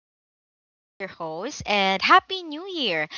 I'm back as your host, and Happy New Year.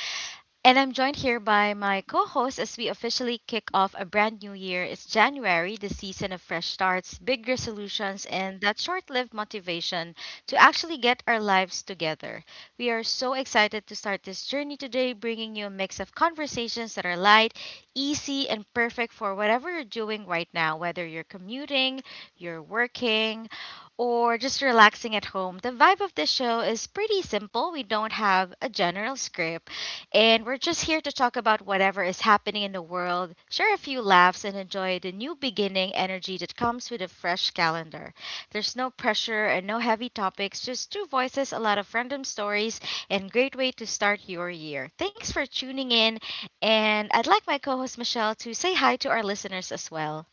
And I'm joined here by my co host as we officially kick off a brand new year. It's January, the season of fresh starts, big resolutions, and that short lived motivation to actually get our lives together. We are so excited to start this journey today, bringing you a mix of conversations that are light, easy, and perfect for whatever you're doing right now, whether you're commuting, you're working, or just relaxing at home. The vibe of this show is pretty simple. We don't have a general script, and we're just here to talk about whatever is happening in the world, share a few laughs, and enjoy the new beginning energy that comes with a fresh calendar. There's no pressure and no heavy topics, just two voices, a lot of random stories, and great way to start your year. Thanks for tuning in, and I'd like my co host Michelle to say hi to our listeners as well.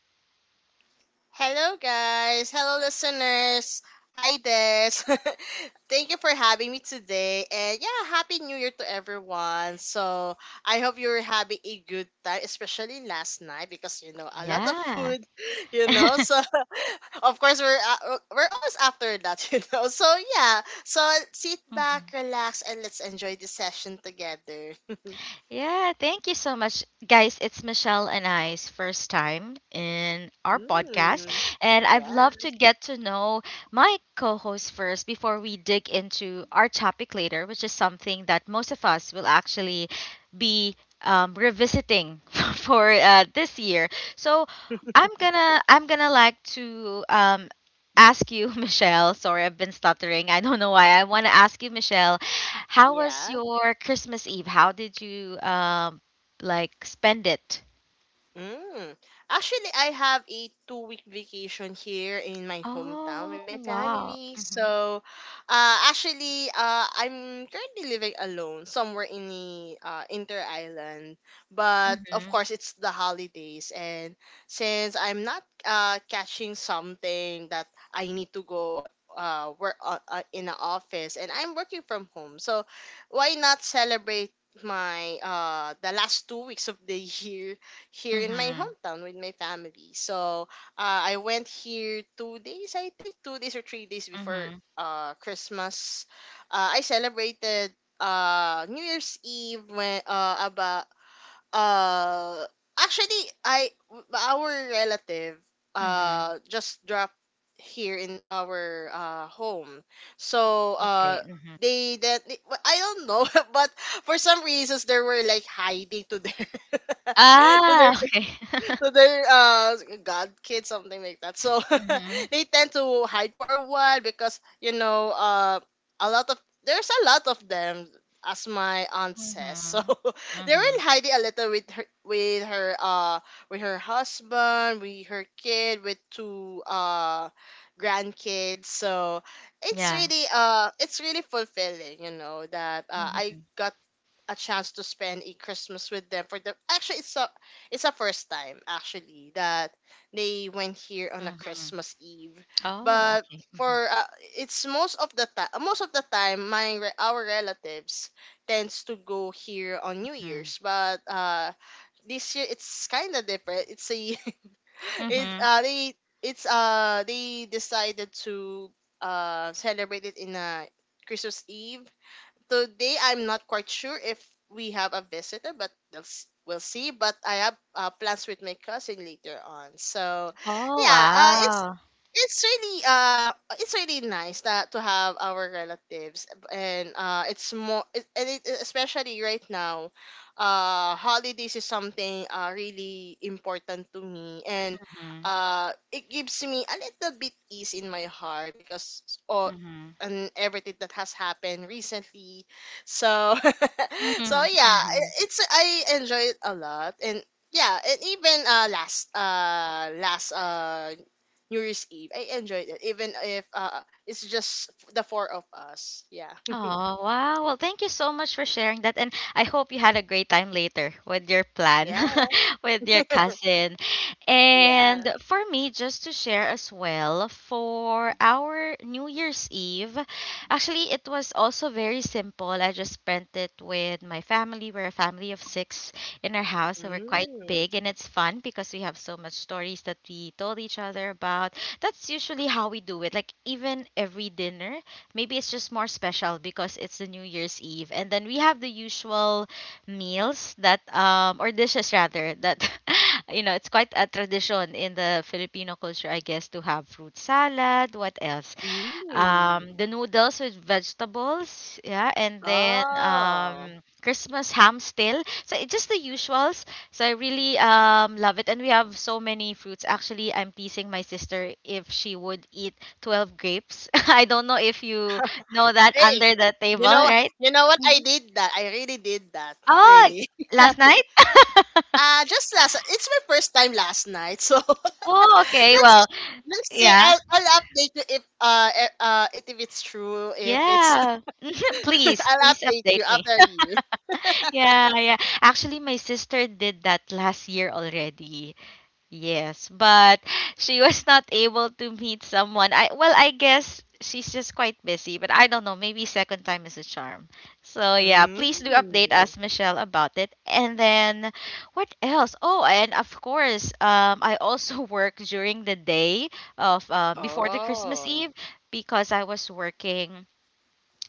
Hello, guys. Hello, listeners. Hi, Des. Thank you for having me today. And yeah, Happy New Year to everyone. So I hope you're having a good time, especially last night because, a lot of Yeah. food, So of course we're always after that, yeah, so sit back, Hmm. relax, and let's enjoy this session together. Yeah, thank you so much, guys. It's Michelle and I's first time in our podcast, Mm, and I have yeah. loved to get to know my co host first before we dig into our topic later, which is something that most of us will actually be revisiting for this year. So I'm gonna like to ask you, Michelle. Sorry, I've been stuttering. I don't know why. I want to ask you, Michelle, how was Yeah. your Christmas Eve? How did you like spend it? Mm. Actually, I have a 2-week vacation here in my hometown Oh, with my wow. family. Mhm. So, actually, I'm currently living alone somewhere in the inter island. But of Mhm. course, it's the holidays, and since I'm not catching something that I need to go work, in an office, and I'm working from home, so why not celebrate my the last 2 weeks of the year here in my Mhm. hometown with my family. So I went here 2 days, I think, 2 days or 3 days before Mhm. Christmas. I celebrated New Year's Eve when about uh, actually I our relative Mhm. Just dropped here in our home. So Okay. Mhm. Well, I don't know, but for some reasons they were like hiding to their, to their, Ah, okay. so they're god kids, something like that, so Mhm. they tend to hide for a while because a lot of there's a lot of them, as my aunt says, so Mhm. they were Mhm. hiding a little with her with her with her husband, with her kid, with two grandkids, so it's Yeah. really fulfilling, you know, that I Mhm. got a chance to spend a Christmas with them for the, it's a first time actually that they went here on a Mhm. Christmas Eve. Oh, But okay. Mhm. for it's most of the time, most of the time, our relatives tends to go here on New Mhm. Year's. But this year it's kind of different. It's a it's Mhm. They It's they decided to celebrate it in a Christmas Eve. Today I'm not quite sure if we have a visitor, but we'll see. But I have plans with my cousin later on. So, Oh, yeah, it's, wow. it's really uh it's really nice that to have our relatives, and it's more it, and it, especially right now, holidays is something really important to me, and Mhm. It gives me a little bit ease in my heart because, oh, Mhm. and everything that has happened recently. So so Mhm. yeah, Mhm. It's, I enjoy it a lot, and yeah, and even last New Year's Eve, I enjoyed it even if it's just the four of us. Yeah. Oh, wow. Well, thank you so much for sharing that. And I hope you had a great time later with your plan Yeah. with your cousin. And Yeah. for me, just to share as well, for our New Year's Eve, actually, it was also very simple. I just spent it with my family. We're a family of six in our house, so we're quite Mm. big. And it's fun because we have so much stories that we told each other about. That's usually how we do it. Like, even every dinner. Maybe it's just more special because it's the New Year's Eve. And then we have the usual meals that, or dishes rather, that, you know, it's quite a tradition in the Filipino culture, I guess, to have fruit salad. What else? Mm. The noodles with vegetables, yeah, and then Oh. Christmas ham still, so it's just the usuals. So I really love it, and we have so many fruits. Actually, I'm teasing my sister if she would eat 12 grapes. I don't know if you know that Hey, under the you table, know right? you know what I Mhm. did that? I really did that. Oh, Really. last night. Just last It's my first time last night. So Oh, okay, let's well, let's see. yeah, I'll update you if if it's true, if it's. yeah. Please, I'll please update update you me. after you. Yeah, yeah, actually my sister did that last year already. Yes, but she was not able to meet someone. I, well, I guess she's just quite busy, but I don't know, maybe second time is a charm. So yeah, please do update us, Mm. Michelle, about it. And then what else? Oh, and of course, I also work during the day of before the Christmas Oh. Eve because I was working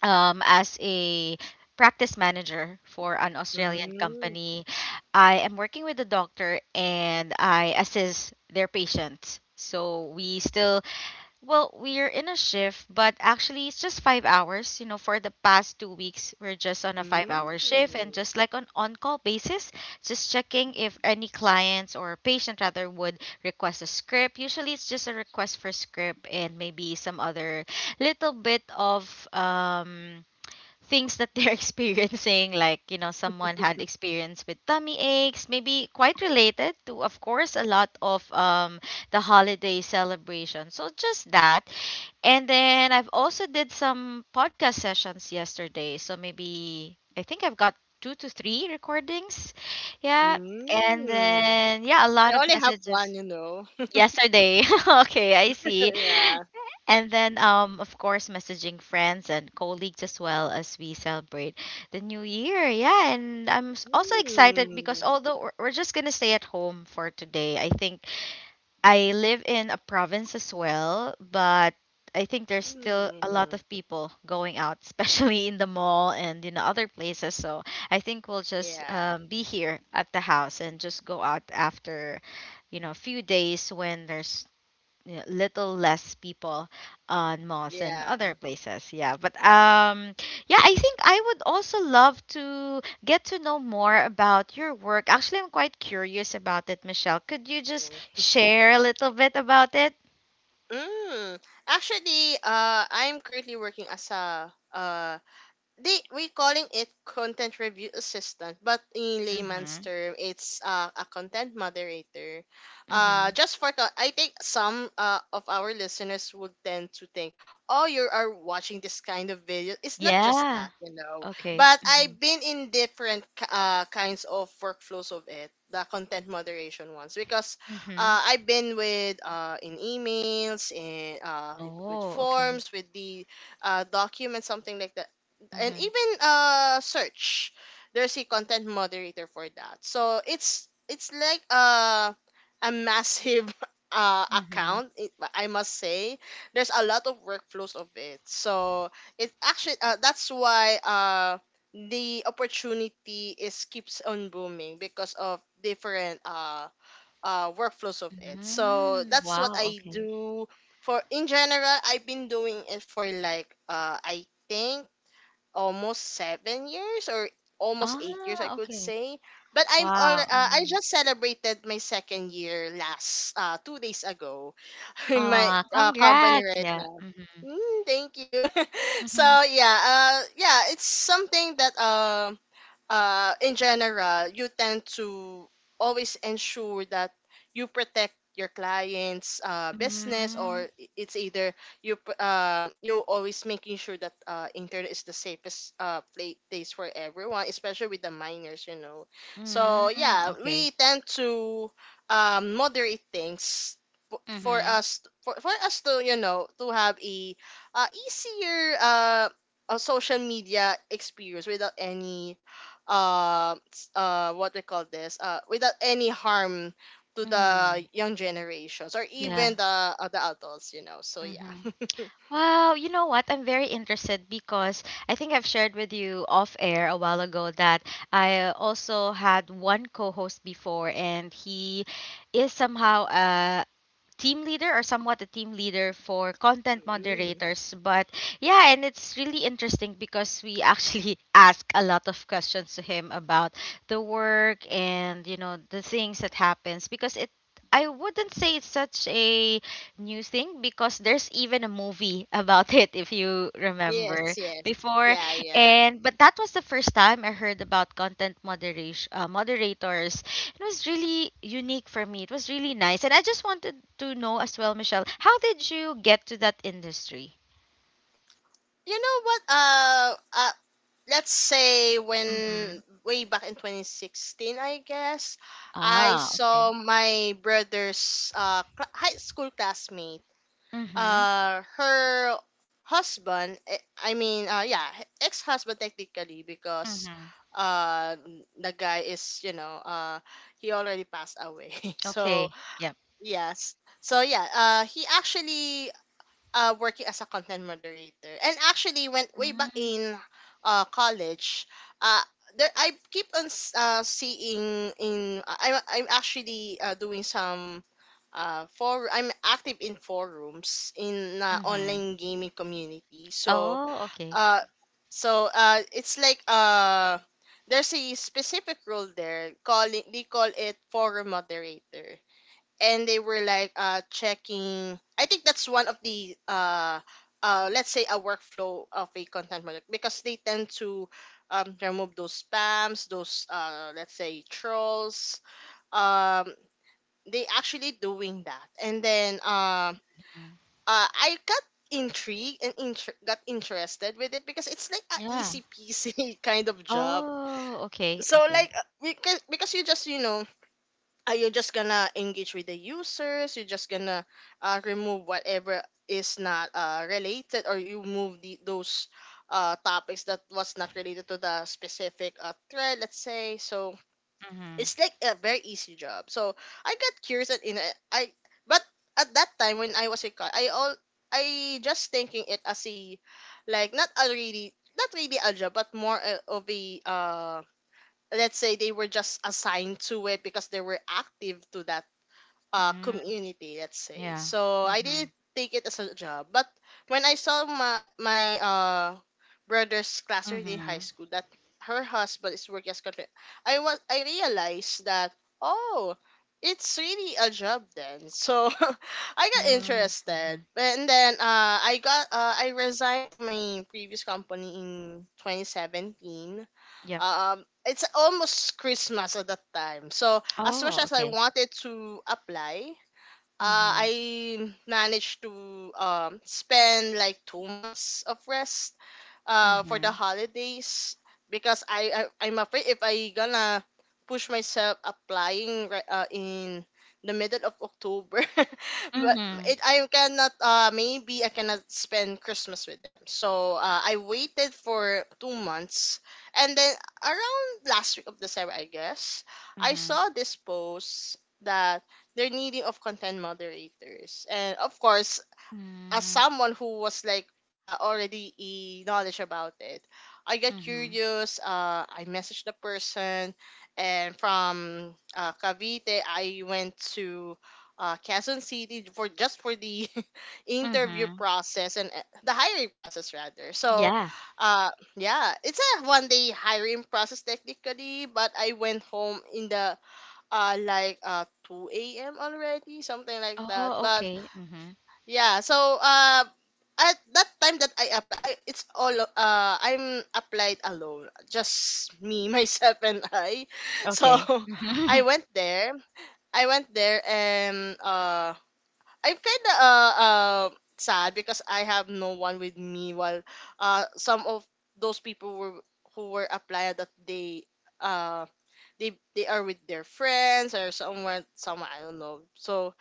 as a practice manager for an Australian Mm. company. I am working with the doctor and I assist their patients. So we still, well, we are in a shift, but actually it's just 5 hours. You know, for the past 2 weeks, we're just on a five Mm. hour shift and just like on call basis, just checking if any clients or patient rather would request a script. Usually it's just a request for script and maybe some other little bit of, things that they're experiencing, like, you know, someone had experience with tummy aches, maybe quite related to, of course, a lot of the holiday celebration. So just that, and then I've also did some podcast sessions yesterday. So maybe I think I've got two to three recordings, yeah. And Mm. then yeah, a I lot of only have messages one. yesterday. Okay, I see. Yeah. And then, of course, messaging friends and colleagues as well as we celebrate the new year. Yeah, and I'm s- also excited because Mm. although we're just gonna stay at home for today, I think I live in a province as well, but I think there's still a lot Mm. of people going out, especially in the mall and in other places. So I think we'll just Yeah. Be here at the house and just go out after, you know, a few days when there's, yeah, little less people on malls and Yeah. other places. Yeah, but yeah, I think I would also love to get to know more about your work. Actually, I'm quite curious about it, Michelle. Could you just share a little bit about it? Mm. Actually, I'm currently working as a they we calling it content review assistant, but in layman's Mm-hmm. term it's a content moderator. Mm-hmm. I think some of our listeners would tend to think, oh, you are watching this kind of video. It's not just Yeah. that, Okay. but Mm-hmm. I've been in different kinds of workflows of it, the content moderation ones, because Mm-hmm. I've been with, in emails, in, with Oh, okay. forms, with the, document, something like that, and Mm-hmm. even search. There's a content moderator for that, so it's like, a massive, Mm-hmm. account, it, I must say, there's a lot of workflows of it. So it actually, that's why the opportunity is keeps on booming because of different workflows of it, so Mm-hmm. that's what Wow. I Okay. do. For in general, I've been doing it for like, I think almost 7 years, or almost 8 years, I Ah, could okay. say. But I'm all. Wow. I Mm-hmm. just celebrated my second year last 2 days ago, in my Ah, company congrats. right Yeah. now. Mm-hmm. Mm, thank you. So Mm-hmm. yeah, yeah, it's something that, in general, you tend to always ensure that you protect your client's, business, Mhm, or it's either you always making sure that, internet is the safest, place for everyone, especially with the minors. So mm, yeah, okay. we tend to, moderate things Mhm, for us to, you know, to have a, easier, a social media experience without any, what we call this, without any harm to mm, the young generations, or yeah. even the, the adults you know so Mhm. yeah Wow, you know what? I'm very interested because I think I've shared with you off air a while ago that I also had one co-host before and he is somehow team leader or somewhat a team leader for content Mm. moderators. But yeah, and it's really interesting because we actually ask a lot of questions to him about the work and, you know, the things that happens because it, I wouldn't say it's such a new thing because there's even a movie about it if you remember Yes, yes. before. Yeah, yeah. And but that was the first time I heard about content moderation moderators. It was really unique for me. It was really nice. And I just wanted to know as well, Michelle, how did you get to that industry? You know what, let's say, Mm-hmm. when way back in 2016, I guess, I Ah, saw okay. my brother's cla high school classmate, Mm-hmm. Her husband, yeah, ex-husband technically, because Mm-hmm. uh the guy is, he already passed away. Okay. So Yep. yes, so yeah, he actually, working as a content moderator. And actually, when way back Mm, in, college, uh, there I keep on seeing in, I'm actually doing some, for I'm active in forums in, mm-hmm. online gaming community. So Oh, okay. uh it's like, there's a specific role there, calling they call it forum moderator, and they were like, checking, I think, that's one of the, let's say, a workflow of a content project because they tend to, remove those spams, those, let's say, trolls, um they actually doing that, and then, Mm. I got intrigued and got interested with it because it's like a Yeah. easy peasy kind of job. Oh, okay. So Okay. like, because you just, are you just gonna engage with the users? You're just gonna, remove whatever is not, related, or you move those, topics that was not related to the specific, thread, let's say. So Mm-hmm. it's like a very easy job. So I got curious, and in a, I but at that time when I was a I just thinking it as a, like, not really a job, but more, of a, let's say, they were just assigned to it because they were active to that, Mm, community, let's say. yeah. So I Mm-hmm. didn't take it as a job. But when I saw my brother's classmate in high Mm-hmm. school that her husband is working as country, I realized that, oh, it's really a job then. So I got Mm, mm-hmm. interested, and then, I resigned to my previous company in 2017. Yep. It's almost Christmas at that time, so as Oh, much as I okay. wanted to apply, Mm-hmm. I managed to, spend like 2 months of rest, for the Mm-hmm. holidays, because I'm afraid if I gonna push myself applying right, in the middle of October, but Mm-hmm. it I cannot, maybe I cannot spend Christmas with them. So I waited for 2 months, and then around last week of December, I guess, I Mm-hmm. saw this post that they're needing of content moderators, and of course, as Mm-hmm. someone who was like, already e knowledge about it, I got curious. I messaged the person, and from, Cavite, I went to, Quezon City, for the interview Mm-hmm. process, and the hiring process rather. So, Yeah. uh, yeah, it's a 1 day hiring process technically, but I went home in the, 2 a.m. already, something like that. Oh, But okay. Mhm. yeah, so at that time that I apply, I it's all, I'm applied alone, just me, myself and I. So Okay. I Mhm. went there. I went there and, I'm kind of, sad, because I have no one with me while, some of those people were, who were applied, that uh they are with their friends, or somewhere, I don't know. So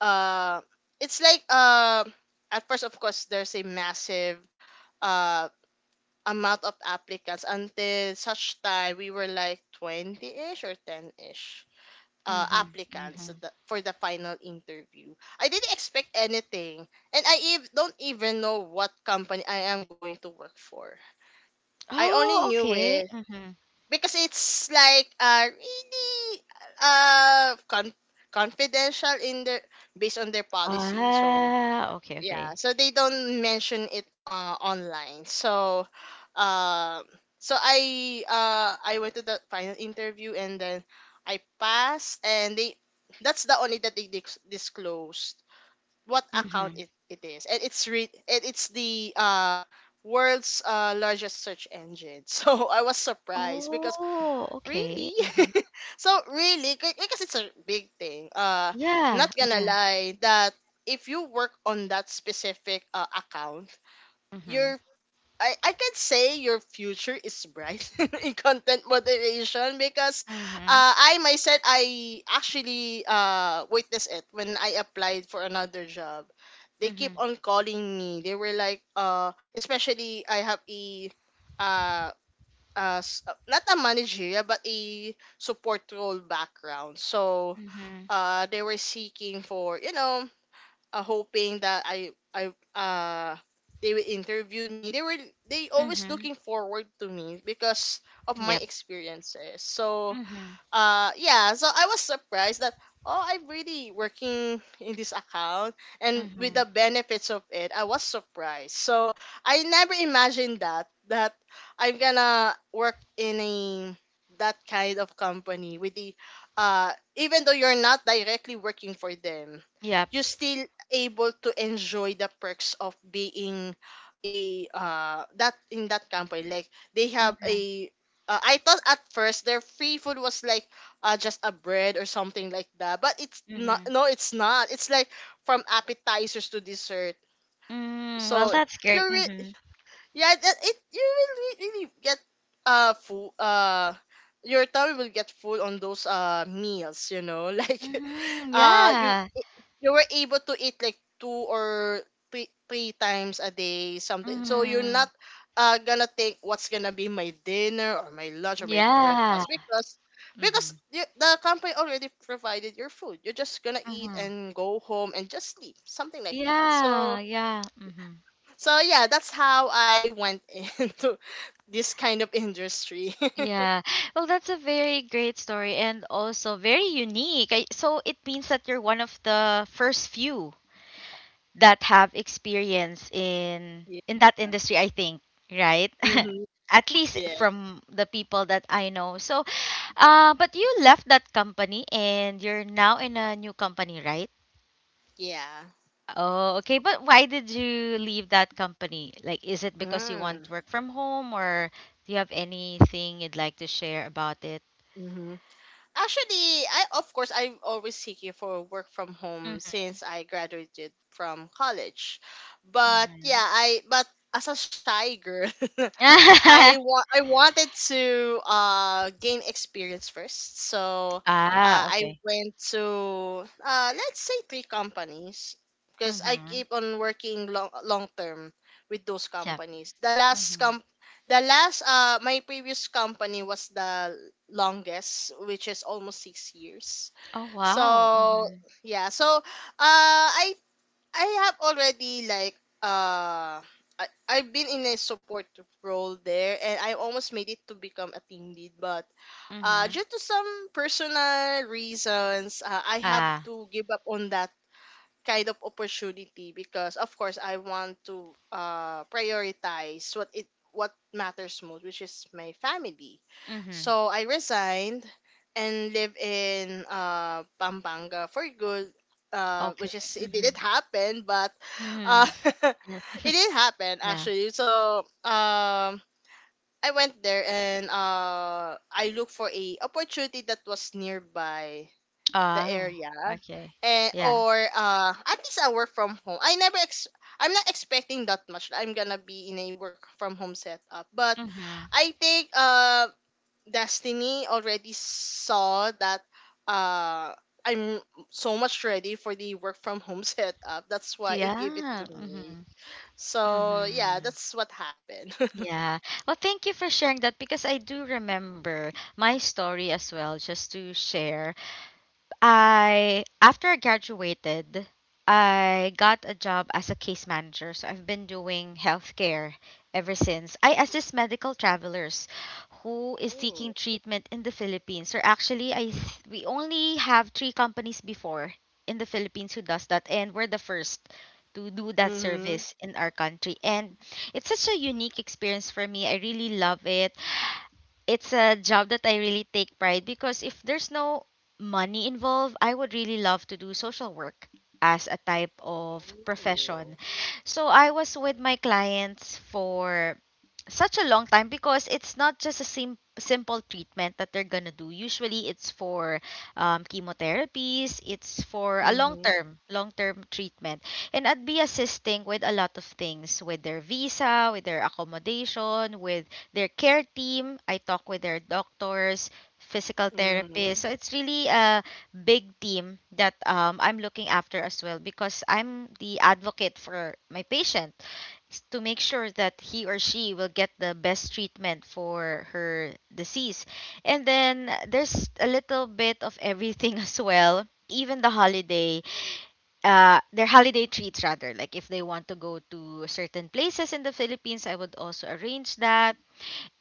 uh it's like, at first of course there's a massive, uh amount of applicants, until such time we were like 20ish or 10ish, Mhm. applicants Mhm. For the final interview. I didn't expect anything, and I don't even know what company I am going to work for. I only Oh, knew okay. it Mhm. because it's like, really, uh con- confidential in their based on their policy, so Ah, okay, yeah, okay. so they don't mention it, online. Uh, so I went to the final interview and then I passed, and they that's the only that they disclosed what account Mhm. it is, and it's the world's largest search engine. So I was surprised because Oh, okay. really? Mhm. So really, because it's a big thing. Yeah, Not gonna yeah. lie that if you work on that specific account, Mhm. your I can say your future is bright in content moderation because Mhm. I myself I actually witnessed it when I applied for another job. They keep Mhm. on calling me. They were like especially I have a uh as not a managerial but a support role background. So Mhm. They were seeking for hoping that I they will interview me. They always Mhm. looking forward to me because of my Yep. experiences. So Mhm. Yeah, so I was surprised that oh, I'm really working in this account, and with the Mhm. benefits of it I was surprised. So I never imagined that I'm gonna work in a that kind of company with the even though you're not directly working for them, Yep. you're still able to enjoy the perks of being a that in that company. Like they have Mhm. a I thought at first their free food was like just a bread or something like that, but it's not. Mhm. No, it's not. It's like from appetizers to dessert. Mm, well, So that's great. you're re- Mhm. yeah, that it you will really get full your tummy will get full on those meals, you know. Like Mhm. uh you Yeah. you were able to eat like two or three times a day something. So you're Mhm. not gonna think what's gonna be my dinner or my lunch or my Yeah. breakfast because Mhm. you, the company already provided your food. You're just gonna eat Mhm. and go home and just sleep, something like that. So Yeah, yeah. Mhm. Yeah, that's how I went into this kind of industry. Yeah. Well, that's a very great story and also very unique. So it means that you're one of the first few that have experience in Yeah. in that industry, I think, right? Hmm. At least Yeah. from the people that I know. So, but you left that company and you're now in a new company, right? Yeah. Oh, okay. But why did you leave that company? Like, is it because you want Mm. to work from home or do you have anything you'd like to share about it? Mm-hmm. Actually, I of course I'm always seeking for work from home since I graduated from college. But yeah, Mhm. I but as a shy girl, I wanted to gain experience first. So, Ah, I okay. went to let's say three companies because I Mhm. keep on working long term with those Yep. companies. Mhm. The last, my previous company was the longest, which is almost 6 years. Oh, wow. So Mhm. yeah, so uh, I I have already like I've been in a support role there, and I almost made it to become a team lead, but Mhm. due to some personal reasons I have Ah. to give up on that kind of opportunity because of course I want to prioritize what matters most, which is my family. Mhm. So I resigned and live in Pampanga for good which Okay. is it didn't Mhm. happen but uh Mhm. Yeah. it did happen Yeah. actually. So I went there and I looked for a opportunity that was nearby the Oh, area okay. and Yeah. or at least a work from home. I never ex- I'm not expecting that much. I'm gonna be in a work from home setup, but Mhm. I think Destiny already saw that uh I'm so much ready for the work from home setup. That's why it gave it to Yeah. me. Mhm. So yeah, Mhm. that's what happened. Yeah. Well, thank you for sharing that because I do remember my story as well, just to share. I, after I graduated, I got a job as a case manager. So I've been doing healthcare ever since. I assist medical travelers who is seeking Oh. treatment in the Philippines. Or actually, I th- we only have three companies before in the Philippines who does that, and we're the first to do that Mhm. service in our country. And it's such a unique experience for me. I really love it. It's a job that I really take pride because if there's no money involved, I would really love to do social work as a type of profession. Oh. So I was with my clients for such a long time because it's not just a sim- simple treatment that they're gonna do. Usually, it's for chemotherapies. It's for a long Mhm. term, long term treatment, and I'd be assisting with a lot of things, with their visa, with their accommodation, with their care team. I talk with their doctors, physical therapists. Mhm. So it's really a big team that I'm looking after as well because I'm the advocate for my patient s- to make sure that he or she will get the best treatment for her disease. And then there's a little bit of everything as well. Even the holiday, their holiday treats rather. Like if they want to go to certain places in the Philippines, I would also arrange that.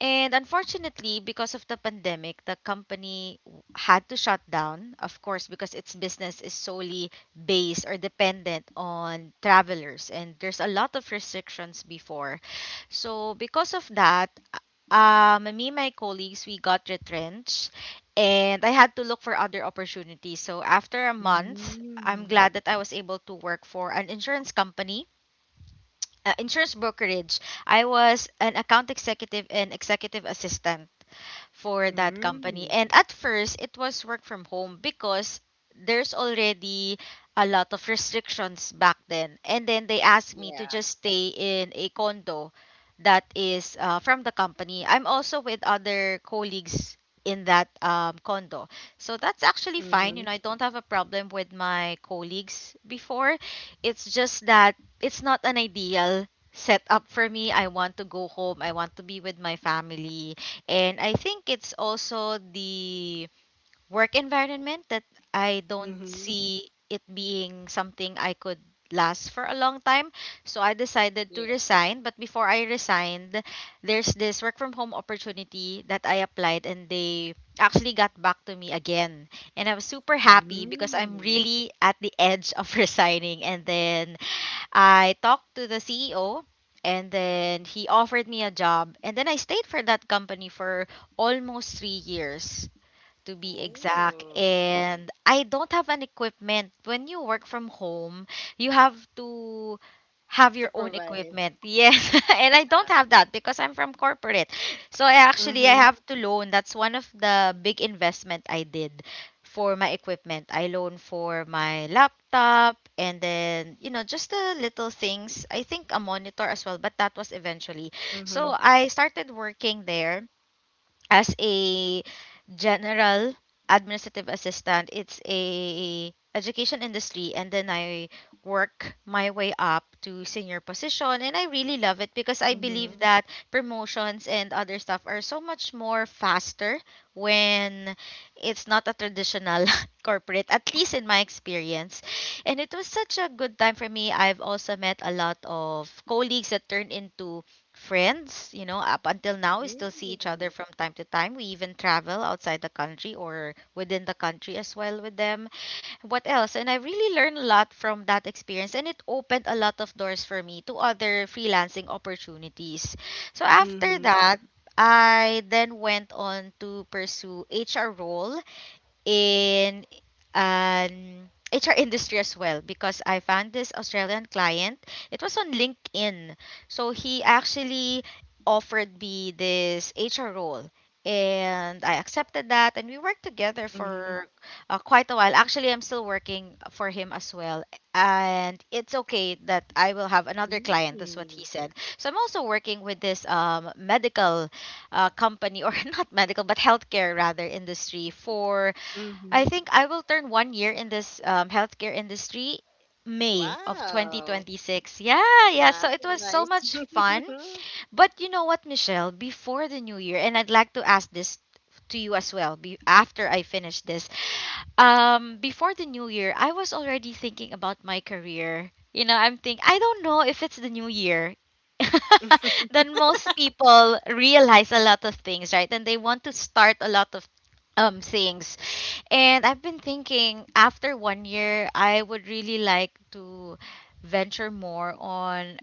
And unfortunately, because of the pandemic, the company w- had to shut down, of course, because its business is solely based or dependent on travelers. And there's a lot of restrictions before. So, because of that, me and my colleagues, we got retrenched and I had to look for other opportunities. So, after a month, I'm Mm. glad that I was able to work for an insurance company insurance brokerage. I was an account executive and executive assistant for that company. Mm. And at first, it was work from home because there's already a lot of restrictions back then. And then they asked me to Yeah. just stay in a condo that is from the company. I'm also with other colleagues in that condo. So that's actually fine. You Mm-hmm. know, I don't have a problem with my colleagues before. It's just that it's not an ideal setup for me. I want to go home. I want to be with my family. And I think it's also the work environment that I don't Mm-hmm. see it being something I could last for a long time. So I decided to Yeah. resign. But before I resigned, there's this work from home opportunity that I applied and they actually got back to me again. And I was super happy because I'm Mm. really at the edge of resigning. And then I talked to the CEO and then he offered me a job and then I stayed for that company for almost 3 years to be exact. Ooh. And I don't have an equipment. When you work from home, you have to have To your own provide. equipment. Yes. And I don't have that because I'm from corporate. So I actually I Mm-hmm. have to loan. That's one of the big investment I did for my equipment. I loan for my laptop and then, just the little things. I think a monitor as well, but that was eventually. Mm-hmm. So I started working there as a general administrative assistant. It's a education industry. And then I work my way up to senior position. And I really love it because I believe Mm-hmm. that promotions and other stuff are so much more faster when it's not a traditional corporate, at least in my experience. And it was such a good time for me. I've also met a lot of colleagues that turned into friends. You know, up until now, we still see each Mm. other from time to time. We even travel outside the country or within the country as well with them. What else? And I really learned a lot from that experience and it opened a lot of doors for me to other freelancing opportunities. So after Mm-hmm. that, I then went on to pursue HR role in an HR industry as well because I found this Australian client. It was on LinkedIn. So he actually offered me this HR role and I accepted that and we worked together Mm-hmm. for quite a while. Actually, I'm still working for him as well. And it's okay that I will have another client, that's what he Mm. said. So I'm also working with this medical company, or not medical, but healthcare rather industry for, I Mm-hmm. think, I will turn one year in this healthcare industry May of Wow. 2026. Yeah, yeah. So it was so Nice. much fun. But you know what, Michelle? Before the new year, and I'd like to ask this to you as well, after I finish this, before the new year, I was already thinking about my career. You know, I'm think, I don't know if it's the new year. Then most people realize a lot of things, right? And they want to start a lot of things. And I've been thinking, after one year, I would really like to venture more on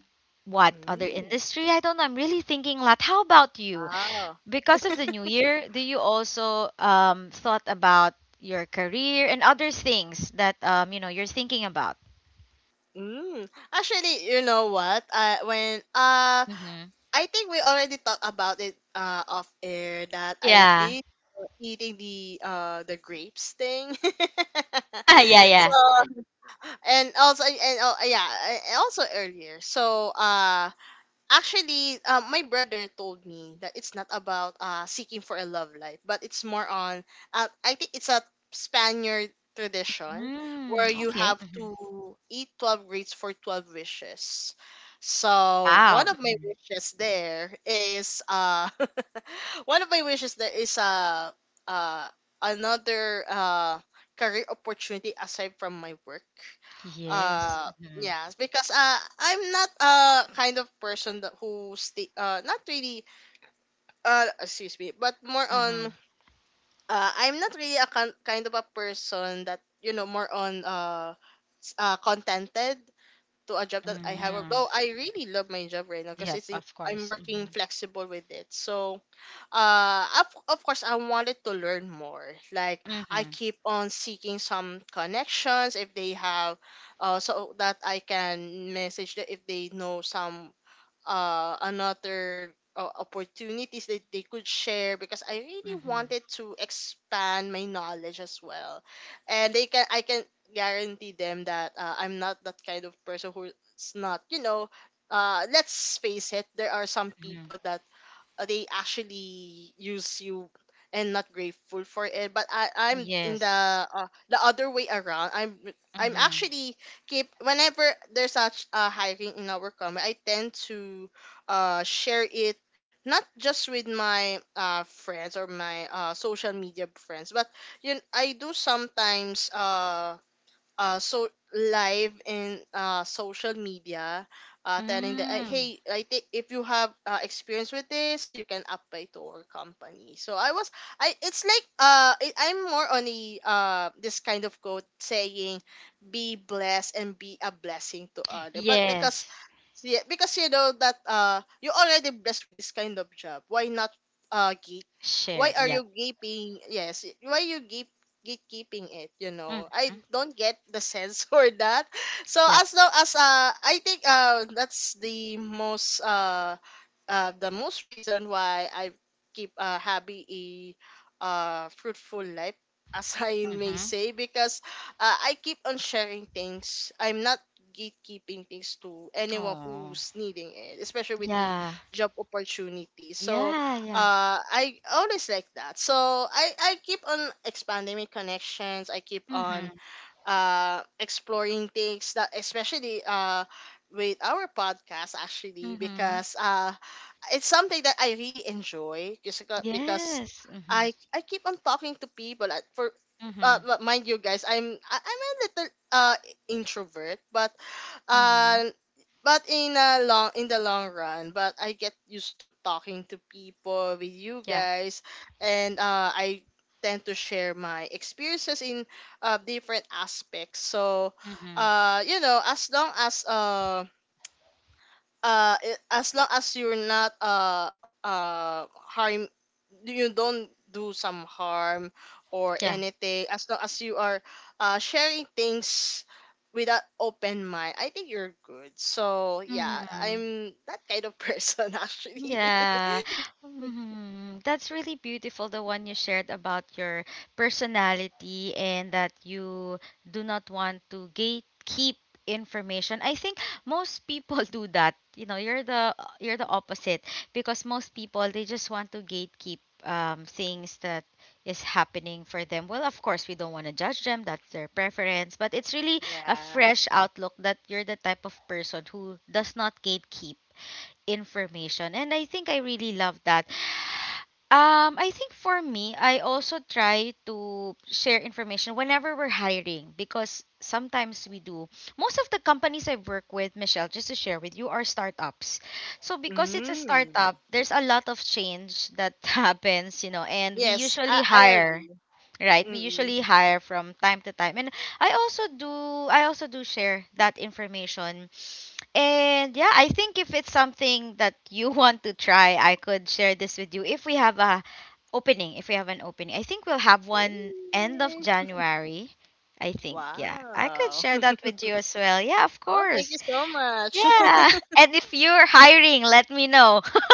what other Mm. industry. I don't know, I'm really thinking a lot. How about you? Wow. Because of the new year, do you also thought about your career and other things that you know you're thinking about? Mm. Actually, you know what? When Mm-hmm. I think we already talked about it off air that I Yeah. did eating the grapes thing. Yeah, So yeah. and also and yeah, and also earlier. So actually my brother told me that it's not about seeking for a love life, but it's more on I think it's a Spaniard tradition Mm, where you okay. have Mhm. to eat 12 grapes for 12 wishes. So Wow. one of my Mhm. wishes there is one of my wishes there is uh another career opportunity aside from my work. Yes. uh Mm-hmm. yes, because I'm not a kind of person that who stay not really excuse me but more on Mm-hmm. I'm not really a kind of a person that you know more on contented to a job that I have, Mm-hmm. though I really love my job right now because Yep, it's in, of I'm course. working Mm-hmm. flexible with it. So of course I wanted to learn more. Like, I Mm-hmm. keep on seeking some connections if they have so that I can message them if they know some another opportunities that they could share, because I really Mm-hmm. wanted to expand my knowledge as well. And they can I can guarantee them that I'm not that kind of person who's not you know let's face it, there are some Mm-hmm. people that they actually use you and not grateful for it. But I'm in Yes. The other way around. I'm Mm-hmm. actually keep whenever there's such a hiring in our company, I tend to share it, not just with my friends or my social media friends, but you know, I do sometimes uh so live in social media telling that Mm. hey, I think if you have experience with this you can apply to our company. So I was I it's like I'm more on the this kind of quote saying be blessed and be a blessing to other. But because Yes. yeah, because you know that you already blessed with this kind of job. Why not gate? Why Share. are Yep. you gaping? Yes, why you gape gatekeeping it? You know, Mm-hmm. I don't get the sense for that. So Yep. as long as I think that's the most reason why I keep happy a fruitful life as I may Mm-hmm. say because I keep on sharing things. I'm not gatekeeping things to anyone Oh. who's needing it, especially with the Yeah. job opportunity. So Yeah, yeah. I always like that. So I keep on expanding my connections. I keep on Mhm. Exploring things that especially with our podcast actually Mhm. because it's something that I really enjoy just because Yes. Mhm. I keep on talking to people at for Mhm. but mind you guys I'm a little introvert Mhm. uh, but in the long run but I get used to talking to people with you Yeah. guys, and I tend to share my experiences in different aspects. So Mhm. You know, as long as as long as you're not harm you don't do some harm or Yeah. anything, as long as you are sharing things with an open mind, I think you're good. So yeah, Mhm. I'm that kind of person actually. Yeah. Mhm. That's really beautiful, the one you shared about your personality and that you do not want to gatekeep information. I think most people do that. You know, you're the opposite, because most people they just want to gatekeep things that is happening for them. Well, of course, we don't want to judge them. That's their preference, but it's really a Yeah. fresh outlook that you're the type of person who does not gatekeep information. And I think I really love that. I think for me, I also try to share information whenever we're hiring, because sometimes we do. Most of the companies I work with, Michelle, just to share with you, are startups. So because it's a Mm. startup, there's a lot of change that happens, and we Yes, i usually i hire, agree. right? We Mm. usually hire from time to time. And i also do I also do share that information. And yeah, I think if it's something that you want to try, I could share this with you if we have a opening, if we have an opening. I think we'll have Okay. one end of January. I think, yeah. I could Wow. share that with you as well. Yeah, of Oh, thank you course. so much. Yeah. And if you're hiring, let me know.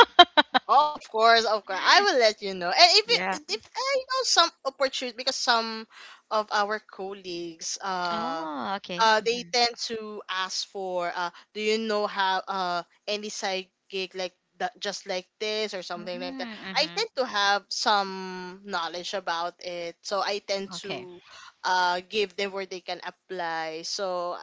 Oh, of course, of course. I will let you know. And if Yeah. it, if I know some opportunity because some of our colleagues Oh, okay. They Mm-hmm. tend to ask for do you know how any psychic like that just like this or something like that. Mm-hmm. I Mm-hmm. tend to have some knowledge about it, so I tend Okay. to give them where they can apply. So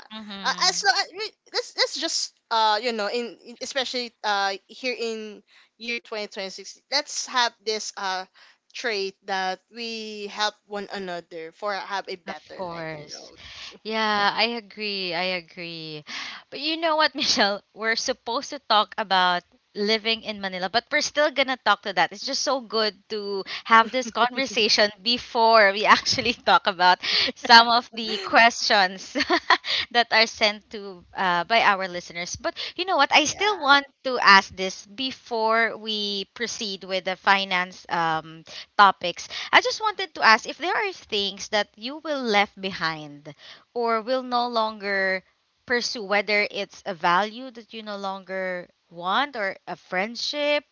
as Mm-hmm. long as let's just you know in especially here in year 2026, let's have this trait that we help one another for have a Of better life, you course. know. Yeah, I agree. I agree. But you know what, Michelle? We're supposed to talk about living in Manila, but we're still gonna talk to that. It's just so good to have this conversation before we actually talk about some of the questions that are sent to by our listeners. But you know what? I still Yeah. want to ask this before we proceed with the finance topics. I just wanted to ask if there are things that you will left behind or will no longer pursue, whether it's a value that you no longer want or a friendship,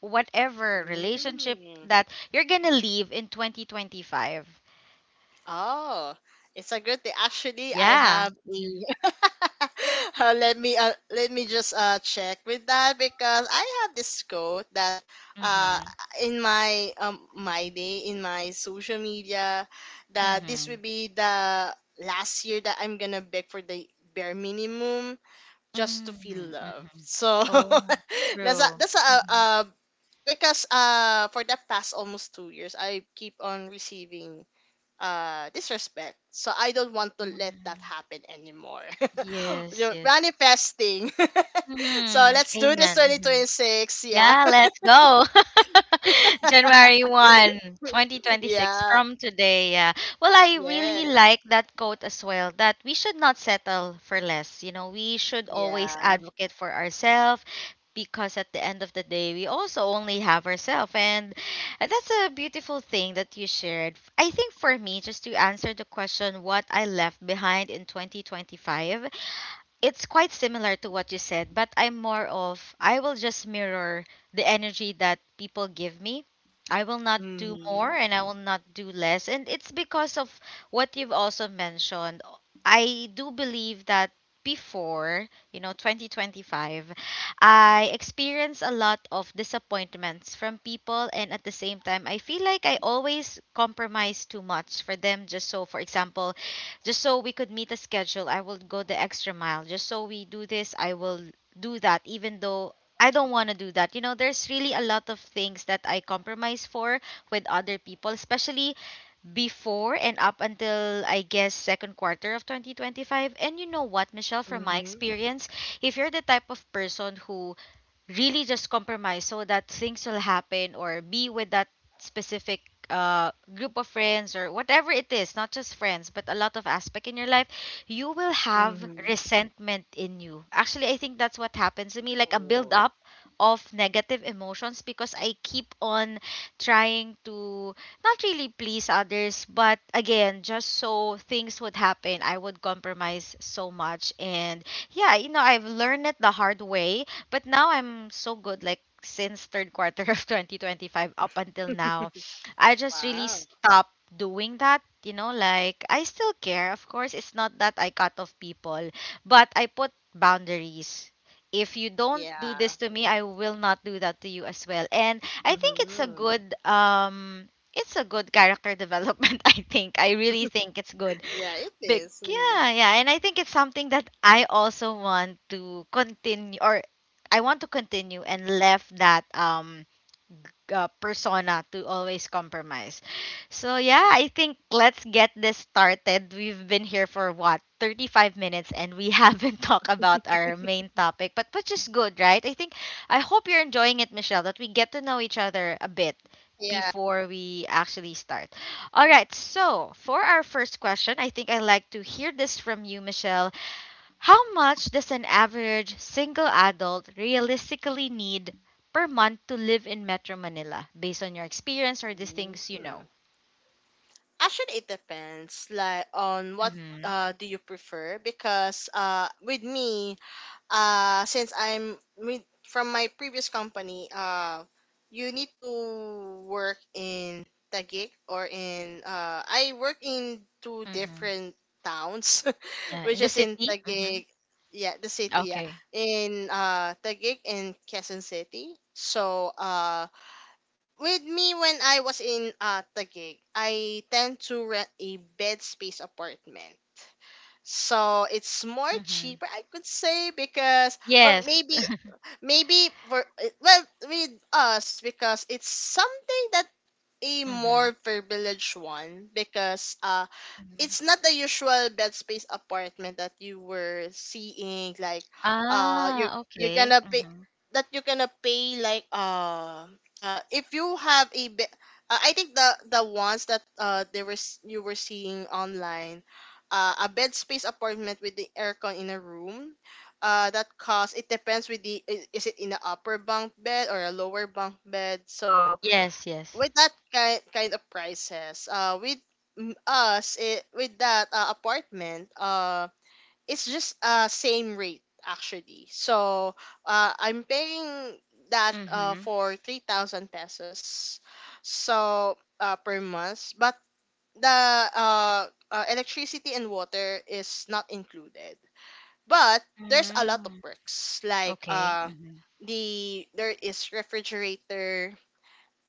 whatever relationship Mm. that you're going to leave in 2025. Oh, it's a good thing. Actually, I Yeah. have a. Mm-hmm. Let me let me just check with that because I have this quote that uh Mm-hmm. in my my day in my social media that this will Mm-hmm. be the last year that I'm gonna beg for the bare minimum just to feel Mm-hmm. love. Mm-hmm. So Oh, that's a true. Mm-hmm. Because for the past almost 2 years I keep on receiving disrespect, so I don't want to let that Mm-hmm. happen anymore. You Yes, know, yes. manifesting. So Mm-hmm. let's do this Amen. Mm-hmm. 2026. Yeah. Yeah, let's go. January 1, 2026 Yeah. from today. Yeah. Well, I Yes. really like that quote as well that we should not settle for less. You know, we should always Yeah. advocate for ourselves because at the end of the day, we also only have ourselves. And that's a beautiful thing that you shared. I think for me, just to answer the question, what I left behind in 2025, it's quite similar to what you said, but I'm more of I will just mirror the energy that people give me. I will not do more Hmm. and I will not do less. And it's because of what you've also mentioned. I do believe that before, you know, 2025, I experienced a lot of disappointments from people. And at the same time, I feel like I always compromise too much for them, just so, for example, just so we could meet a schedule. I will go the extra mile just so we do this. I will do that even though I don't want to do that. You know, there's really a lot of things that I compromise for with other people, especially before and up until, I guess, second quarter of 2025. And you know what, Michelle, from my Hmm. experience, if you're the type of person who really just compromise so that things will happen or be with that specific group of friends or whatever it is, not just friends but a lot of aspect in your life, you will have Hmm. resentment in you. Actually, I think that's what happens to me, like a build Ooh, up of negative emotions because I keep on trying to not really please others, but again, just so things would happen, I would compromise so much. And yeah, you know, I've learned it the hard way. But now I'm so good, like since third quarter of 2025 up until now, I just really wow. stopped doing that. You know, like I still care. Of course, it's not that I cut off people, but I put boundaries. If you don't do Yeah. this to me, I will not do that to you as well. And I think it's a Hmm. good um it's a good character development. I really think it's good. Yeah, it Big is. Mhm. Yeah, yeah. And I think it's something that I also want to continue and left that persona to always compromise. So yeah, I think let's get this started. We've been here for what, 35 minutes, and we haven't talked about our main topic, but which is good, right? I think I hope you're enjoying it, Michelle, that we get to know each other a bit Yeah. before we actually start. All right, so for our first question, I think I'd like to hear this from you, Michelle. How much does an average single adult realistically need per month to live in Metro Manila based on your experience or these Mm. things you know? Actually, it depends, like on what Mm-hmm. Do you prefer? Because with me, since I'm with from my previous company, you need to work in Taguig or in I work in two Mm-hmm. different towns Yeah, in which the is in city? Mm-hmm. Taguig, yeah, the city, yeah. Okay. In Taguig and Quezon City. So with me when I was in Taguig, I tend to rent a bed space apartment. So it's more Mm-hmm. cheaper, I could say, because or Yes. maybe maybe for well, with us, because it's something that a Mm-hmm. more privileged one because Hmm. it's not the usual bed space apartment that you were seeing, like uh Ah, you you're okay. gonna pay, Mm-hmm. that you're gonna pay like if you have a bed. I think the ones that you were seeing online, a bed space apartment with the aircon in a room that cost, it depends with the is it in a upper bunk bed or a lower bunk bed. So Yes, yes. with that kind of prices with us with that apartment it's just same rate actually. So I'm paying that Mm-hmm. For 3,000 pesos so per month, but the electricity and water is not included. But there's a lot of Mm-hmm. perks, like Okay. Mm-hmm. There is refrigerator,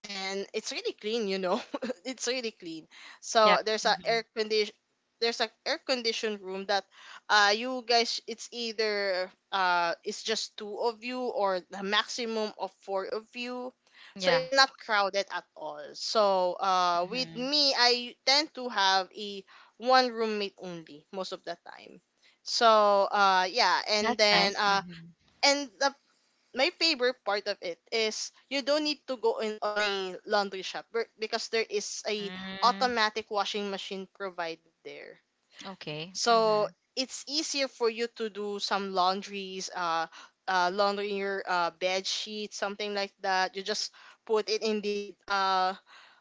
and it's really clean, you know, it's really clean. So Yep. there's a Mm-hmm. air condition, there's a air conditioned room that you guys, it's either it's just two of you or the maximum of four of you. So Yeah. it's not crowded at all. So with Mm-hmm. me, I tend to have a one roommate only most of the time. So yeah and That's then nice. Mm-hmm. and the my favorite part of it is you don't need to go in on a laundry shop because there is a Mm, automatic washing machine provided there. okay. Mm-hmm. So it's easier for you to do some laundries, laundry your bed sheet, something like that. You just put it uh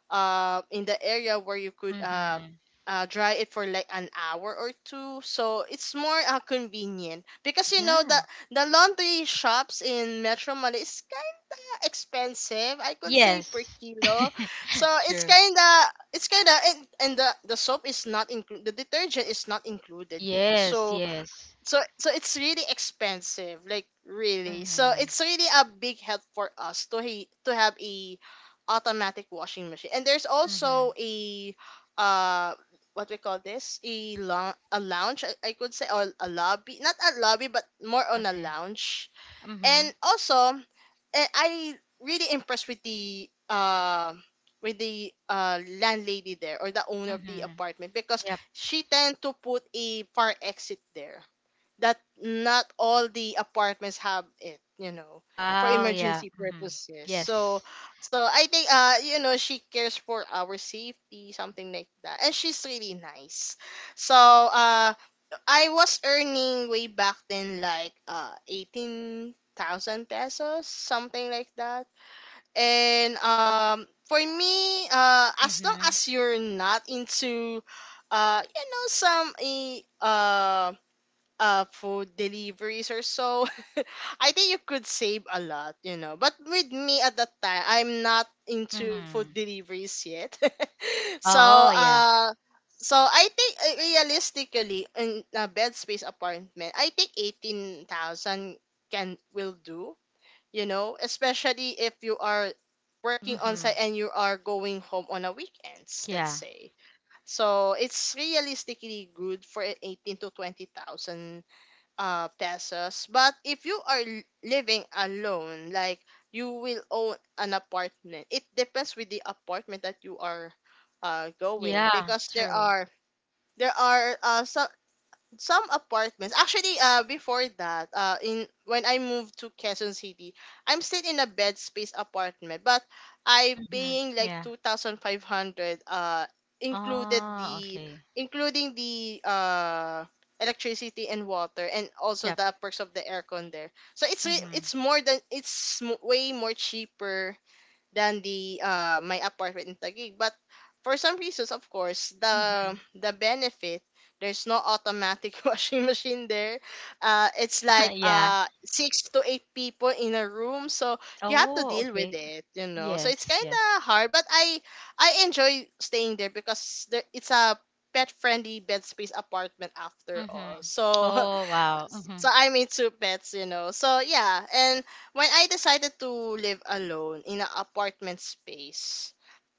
uh, in the area where you could Mm-hmm. Dry it for like an hour or two. So it's more convenient because, you know, Yeah. the laundry shops in Metro Manila is kinda expensive, I could say, per Yes. kilo. So it's True. Kinda, and the soap is not included. The detergent is not included yet. Yes, So yes. It's really expensive, like really. So Mm-hmm. it's really a big help for us to have a automatic washing machine. And there's Mm-hmm. also a uh what we call this, a a lounge, I could say, or a lobby, not a lobby, but more on a Okay. lounge. Mm-hmm. And also I really impressed with the landlady there, or the owner of the Mm-hmm. apartment, because Yep. she tend to put a fire exit there that not all the apartments have it, you know, for Wow, yeah. emergency Mm-hmm. purposes. So Yes. I think, you know, she cares for our safety, something like that, and she's really nice. So I was earning way back then like 18,000 pesos, something like that. And um, for me, as long Mm-hmm. as you're not into you know some um food deliveries or so, I think you could save a lot, you know. But with me, at that time, I'm not into food Mm-hmm. deliveries yet. So Oh, yeah. I think, realistically, in a bed space apartment, I think 18,000 can will do, you know, especially if you are working on site Mm-hmm. and you are going home on a weekends, let's Yeah. say. So it's realistically good for 18 to 20,000 pesos. But if you are living alone, like you will own an apartment, it depends with the apartment that you are going, Yeah, because there true. are there are uh some apartments actually. Before that, in when I moved to Quezon City, I'm still in a bed space apartment, but I Mm-hmm. paying like Yeah. 2,500, included Oh, the okay. including the electricity and water, and also Yep. the perks of the aircon there. So it's Mm-hmm. More than, way more cheaper than the my apartment in Taguig. But for some reasons, of course, Mm-hmm. the benefit, there's no automatic washing machine there. It's like Yeah. Six to eight people in a room, so you have to Oh, deal with okay. it, you know. So it's Yes, kind yes. of hard, but I enjoy staying there because it's a pet friendly bed space apartment after Mm-hmm. all. So Oh, wow. Mm-hmm. so I mean two pets, you know. So yeah. And when I decided to live alone in an apartment space,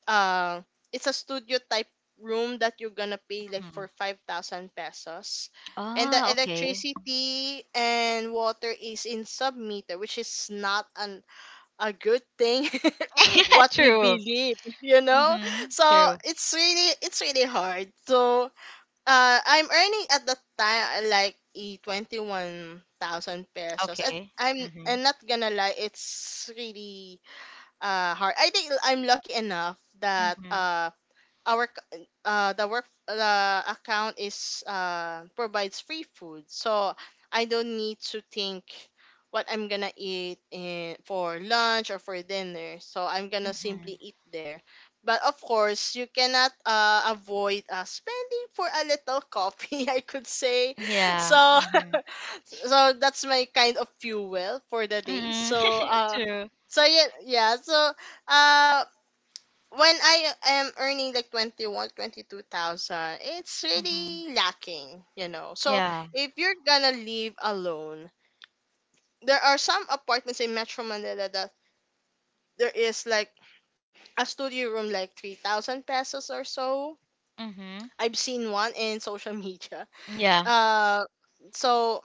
uh, it's a studio type room that you're gonna pay like for Mm-hmm. 5,000 pesos, and the Oh, okay. electricity and water is in sub meter, which is not an a good thing, what we True. believe, you know. Mm-hmm. So True. it's really hard. So I'm earning at the time like e 21,000 pesos. At Okay. I'm Mm-hmm. I'm not gonna lie, it's really hard. I think I'm lucky enough that Mm-hmm. The work, the account is provides free food, so I don't need to think what I'm gonna eat in, for lunch or for dinner, so I'm gonna Mm-hmm. simply eat there. But of course, you cannot avoid spending for a little coffee, I could say. Yeah. So Mm-hmm. so that's my kind of fuel for the day. Mm-hmm. So True. So uh when I am earning like 21, 22,000, it's Mm-hmm. really lacking, you know. So Yeah. if you're gonna live alone, there are some apartments in Metro Manila that there is like a studio room like 3,000 pesos or so. Mm-hmm. I've seen one in social media. Yeah. Uh, so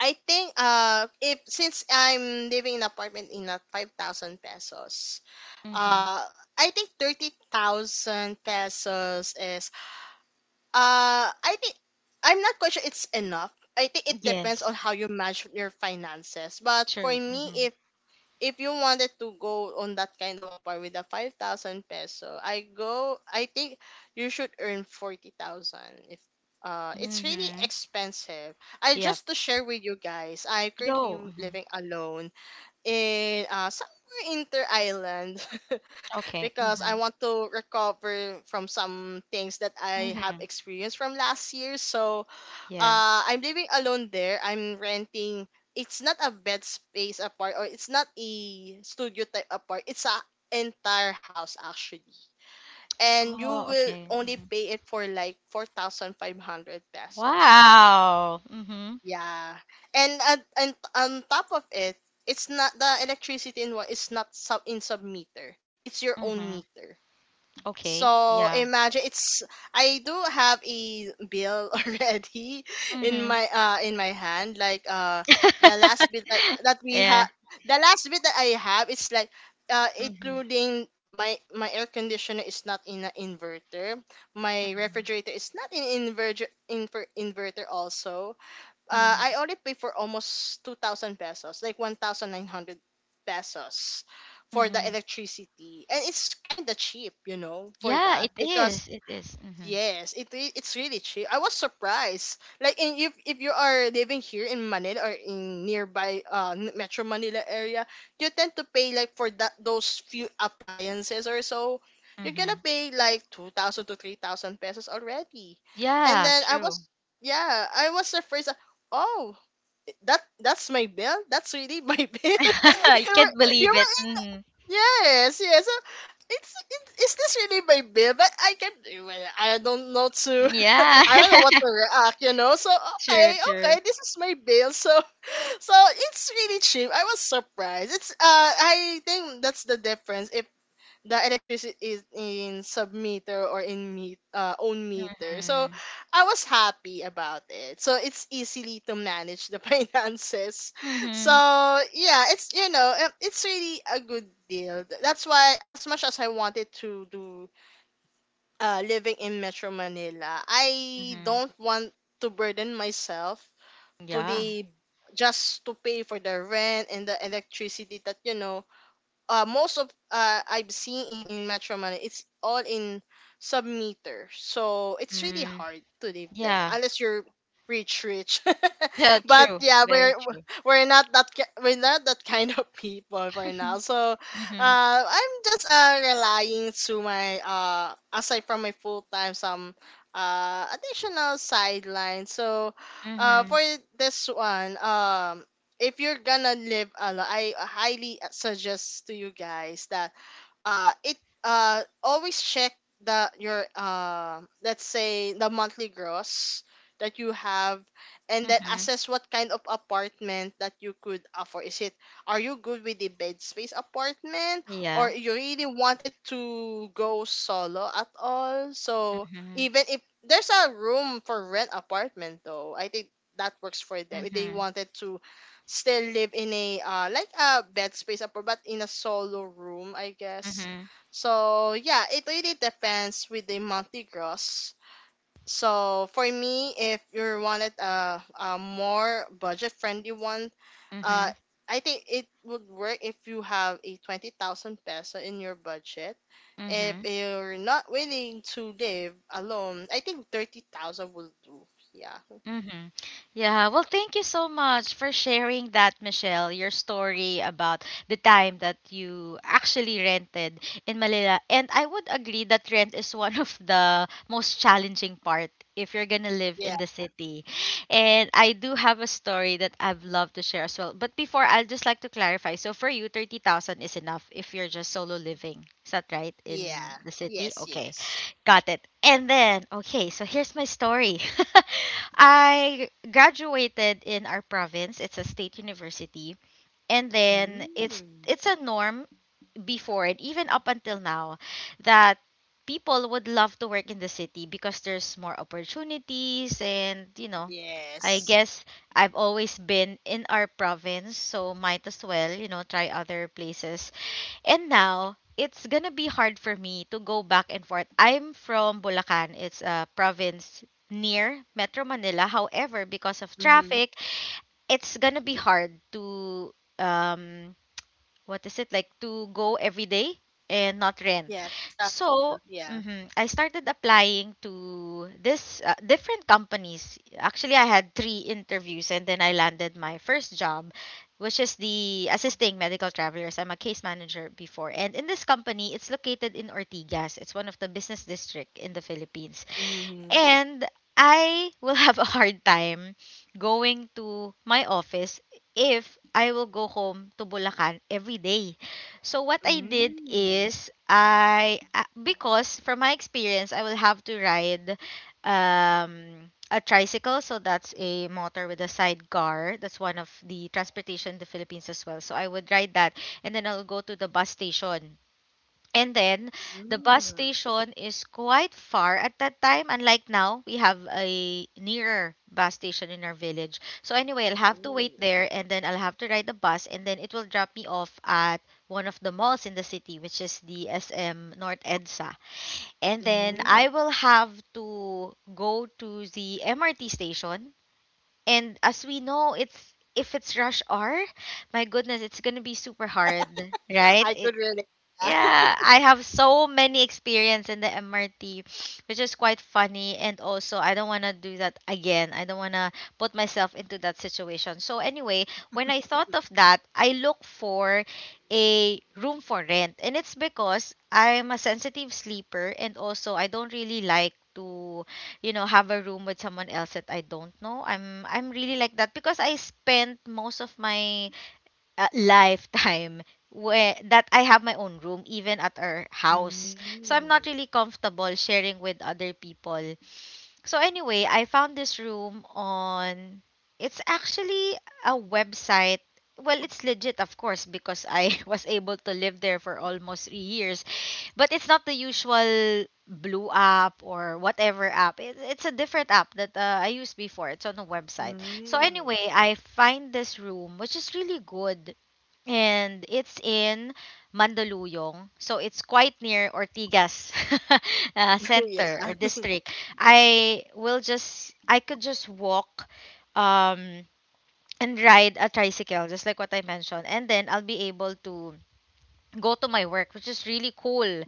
I think, if since I'm living in apartment in a 5,000 pesos, Mm-hmm. uh I think 30,000 pesos is, I think, I'm not quite sure it's enough. I think it depends on Yes. how you manage your finances. But for True. me, Mm-hmm. if you wanted to go on that kind of a part with the 5,000 peso, I go. I think you should earn 40,000. If It's really Mm-hmm. expensive. I Yep. just to share with you guys, I am currently Go. Mhm. living alone in somewhere inter island Okay. because Mm-hmm. I want to recover from some things that I have Mm-hmm. experienced from last year. So Yeah. I'm living alone there. I'm renting. It's not a bed space apart, or it's not a studio type apart. It's a entire house actually. And you Oh, will okay. only Mm-hmm. pay it for like 4,500 pesos. Wow. Mm-hmm. Yeah, and on top of it, it's not the electricity in one. It's not sub meter. It's your own Mm-hmm. meter. Okay. So Yeah. imagine, it's, I do have a bill already in Mm-hmm. my hand. Like the last bit that that we Yeah. have, the last bit that I have is like Mm-hmm. including my air conditioner is not in an inverter. My refrigerator is not in inverter in inverter also. Mm-hmm. I only pay for almost 2,000 pesos, like 1,900 pesos for the Mm-hmm. electricity. And it's kind of cheap, you know, for Yeah, that, it because is. It is. Mm-hmm. yes, it it's really cheap. I was surprised. Like, in if you are living here in Manila or in nearby Metro Manila area, you tend to pay like for that, those few appliances or so, you're gonna Mhm. pay like 2,000 to 3,000 pesos already. And Yeah, then I was, true. yeah, I was surprised that, oh, that's my bill. That's really my bill. I can't you believe it. were Mhm. Yes, yes. So it's is this really my bill? But I can, well, I don't know to Yeah. I don't know what to react, you know. So True, okay, true. okay, this is my bill. So so it's really cheap, I was surprised. It's I think that's the difference, if the electricity is in sub meter or in meet own meter. So Mhm. I was happy about it. So it's easily to manage the finances. So Mhm. yeah, it's, you know, it's really a good deal. That's why as much as I wanted to do living in Metro Manila, I Mhm. don't want to burden myself to Yeah. the, just to pay for the rent and the electricity, that, you know, most of I've seen in Metro Manila, it's all in sub meter. So it's really Mm. hard to live there Yeah. unless you're rich rich. Yeah, But true. yeah, Very true. We're not that kind of people for now. So Mhm. I'm just relying to my, aside from my full time, some additional sideline. So Mhm. Mhm. for this one, um, if you're gonna live alone, I highly suggest to you guys that it always check the your, let's say, the monthly gross that you have, and then Mhm. assess what kind of apartment that you could afford. Is it, are you good with the bed space apartment, or Yeah. you really wanted to go solo at all? So Mhm. even if there's a room for rent apartment though, I think that works for them if they Mhm. wanted to still live in a like a bed space apart, but in a solo room, I guess. Mhm. So yeah, it really depends with the monthly gross. So for me, if you wanted a more budget friendly one, uh, Mhm. I think it would work if you have a 20,000 peso in your budget. If Mhm. you're not willing to live alone, I think 30,000 will do. Yeah, Mm-hmm. Yeah, well, thank you so much for sharing that, Michelle. Your story about the time that you actually rented in Manila. And I would agree that rent is one of the most challenging part if you're gonna live yeah, in the city. And I do have a story that I've loved to share as well. But before, I'd just like to clarify. So for you, 30,000 is enough if you're just solo living. Is that right in yeah. the city? Yes, Okay. yes. Got it. And then, okay, so here's my story. I graduated in our province. It's a state university. And then it's Mm. it's a norm before and even up until now that people would love to work in the city because there's more opportunities and I Yes. guess I've always been in our province, so might as well, try other places, and now it's gonna be hard for me to go back and forth. I'm from Bulacan. It's a province near Metro Manila. However, because of Mm-hmm. traffic, it's gonna be hard to, um what is it like to go every day and not rent, Yeah, the travel. so Yeah. mhm, I started applying to this different companies. Actually, I had three interviews and then I landed my first job, which is the assisting medical travelers. I'm a case manager before. And in this company, it's located in Ortigas. It's one of the business district in the Philippines. Mm-hmm. And I will have a hard time going to my office if I will go home to Bulacan every day. So what I did Mm-hmm. is I, because from my experience I will have to ride a tricycle, so that's a motor with a sidecar. That's one of the transportation in the Philippines as well, so I would ride that, and then I'll go to the bus station. And then the bus Mm-hmm. station is quite far at that time. Unlike now, we have a nearer bus station in our village. So anyway, I'll Oh. have to wait there, and then I'll have to ride the bus, and then it will drop me off at one of the malls in the city, which is the SM North EDSA. And then Mm-hmm. I will have to go to the MRT station. And as we know, it's, if it's rush hour, my goodness, it's gonna be super hard, right? I could really. Yeah. Yeah, I have so many experience in the MRT, which is quite funny. And also, I don't want to do that again. I don't want to put myself into that situation. So, anyway, when I thought of that, I look for a room for rent. And it's because I'm a sensitive sleeper. And also, I don't really like to have a room with someone else that I don't know. I'm really like that because I spent most of my lifetime, where that I have my own room, even at our house. So I'm Mm-hmm. not really comfortable sharing with other people. So anyway, I found this room on, it's actually a website. Well, it's legit of course because I was able to live there for almost 3 years. But it's not the usual blue app or whatever app. It's a different app that I used before. It's on a website. So anyway, Mm-hmm. I find this room which is really good, and it's in Mandaluyong. So it's quite near Ortigas yeah. Center or district. I could just walk um and ride a tricycle, just like what I mentioned, and then I'll be able to go to my work, which is really cool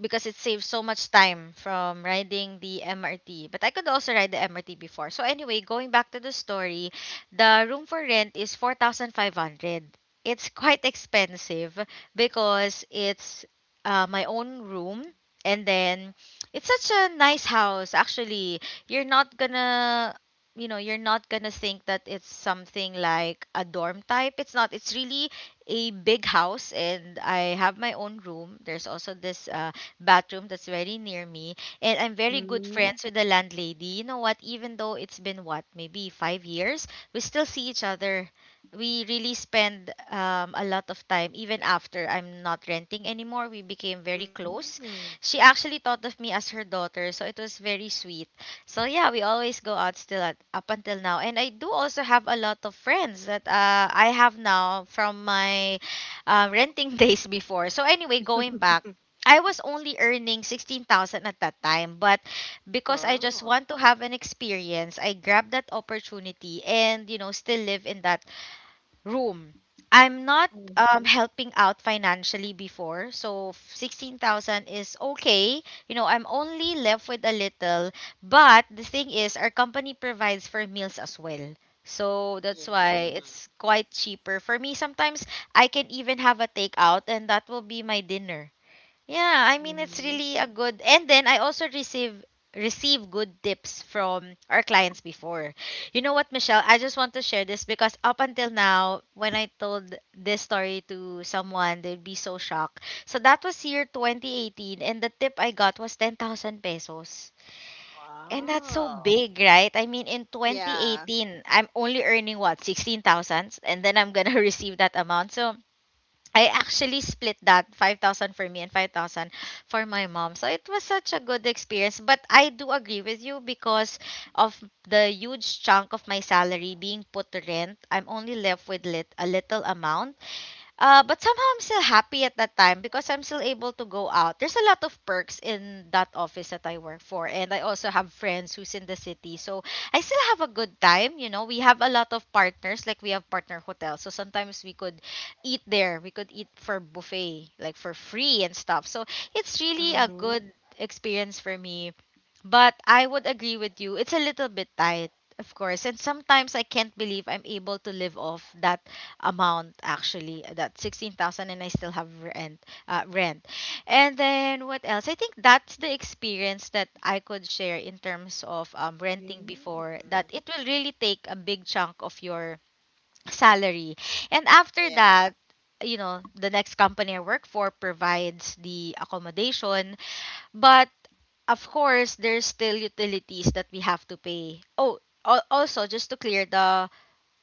because it saves so much time from riding the MRT. But I could also ride the MRT before. So anyway, going back to the story, the room for rent is 4,500. It's quite expensive because it's, my own room, and then it's such a nice house actually. You're not gonna you're not gonna think that it's something like a dorm type. It's not. It's really a big house and I have my own room. There's also this bathroom that's very near me. And I'm very good Mm-hmm. friends with the landlady. You know what? Even though it's been what, maybe 5 years, we still see each other. We really spend, a lot of time, even after I'm not renting anymore. We became very close. Mm-hmm. She actually thought of me as her daughter, so it was very sweet. So yeah, we always go out still at, up until now. And I do also have a lot of friends that, I have now from my renting days before. So anyway, going back, I was only earning 16,000 at that time, but because I just Oh. want to have an experience, I grabbed that opportunity and, still live in that room. I'm not, Mm-hmm. Helping out financially before, so 16,000 is okay. I'm only left with a little, but the thing is, our company provides for meals as well. So that's Yeah. why it's quite cheaper. For me, sometimes I can even have a takeout and that will be my dinner. Yeah, I mean, it's Mm-hmm. really a good, and then I also receive good tips from our clients before. You know what, Michelle? I just want to share this because up until now, when I told this story to someone, they'd be so shocked. So that was year 2018 and the tip I got was 10,000 pesos. And that's so Wow. big, right? I mean, in Yeah. 2018, I'm only earning what, 16,000? And then I'm going to receive that amount. So I actually split that 5,000 for me and 5,000 for my mom. So it was such a good experience, but I do agree with you because of the huge chunk of my salary being put to rent. I'm only left with a little amount, but somehow I'm still happy at that time because I'm still able to go out. There's a lot of perks in that office that I work for, and I also have friends who's in the city, so I still have a good time. We have a lot of partners, like we have partner hotels, so sometimes we could eat there. We could eat for buffet, like for free and stuff. So it's really a Mm-hmm. good experience for me, but I would agree with you. It's a little bit tight, of course. And sometimes I can't believe I'm able to live off that amount actually, that 16,000, and I still have rent, rent. And then what else? I think that's the experience that I could share in terms of, renting Mm-hmm. before, that it will really take a big chunk of your salary. And after Yeah. that, the next company I work for provides the accommodation, but of course, there's still utilities that we have to pay. Oh, also, just to clear the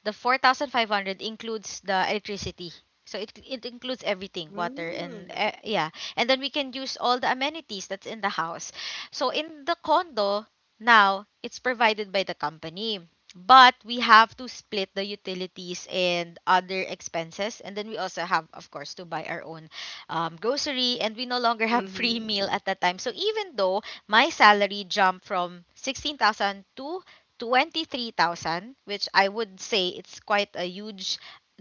the 4,500 includes the electricity. So it includes everything, water and, Mm-hmm. Yeah. And then we can use all the amenities that's in the house. So in the condo, now it's provided by the company. But we have to split the utilities and other expenses. And then we also have, of course, to buy our own, grocery. And we no longer have free Mm-hmm. meal at that time. So even though my salary jumped from 16,000 to 23,000, which I would say it's quite a huge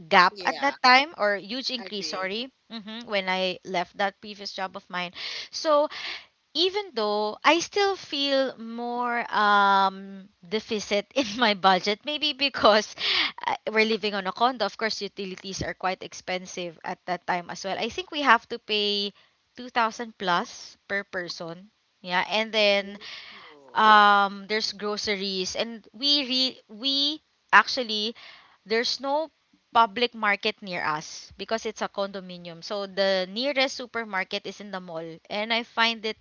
gap at Yeah. that time, or huge increase, Agree. sorry, mhm, when I left that previous job of mine. So even though I still feel more, deficit in my budget, maybe because we're living on a condo, of course, utilities are quite expensive at that time as well. I think we have to pay 2,000 plus per person. Yeah, and then Ooh. There's groceries, and we re- we actually there's no public market near us because it's a condominium, so the nearest supermarket is in the mall, and I find it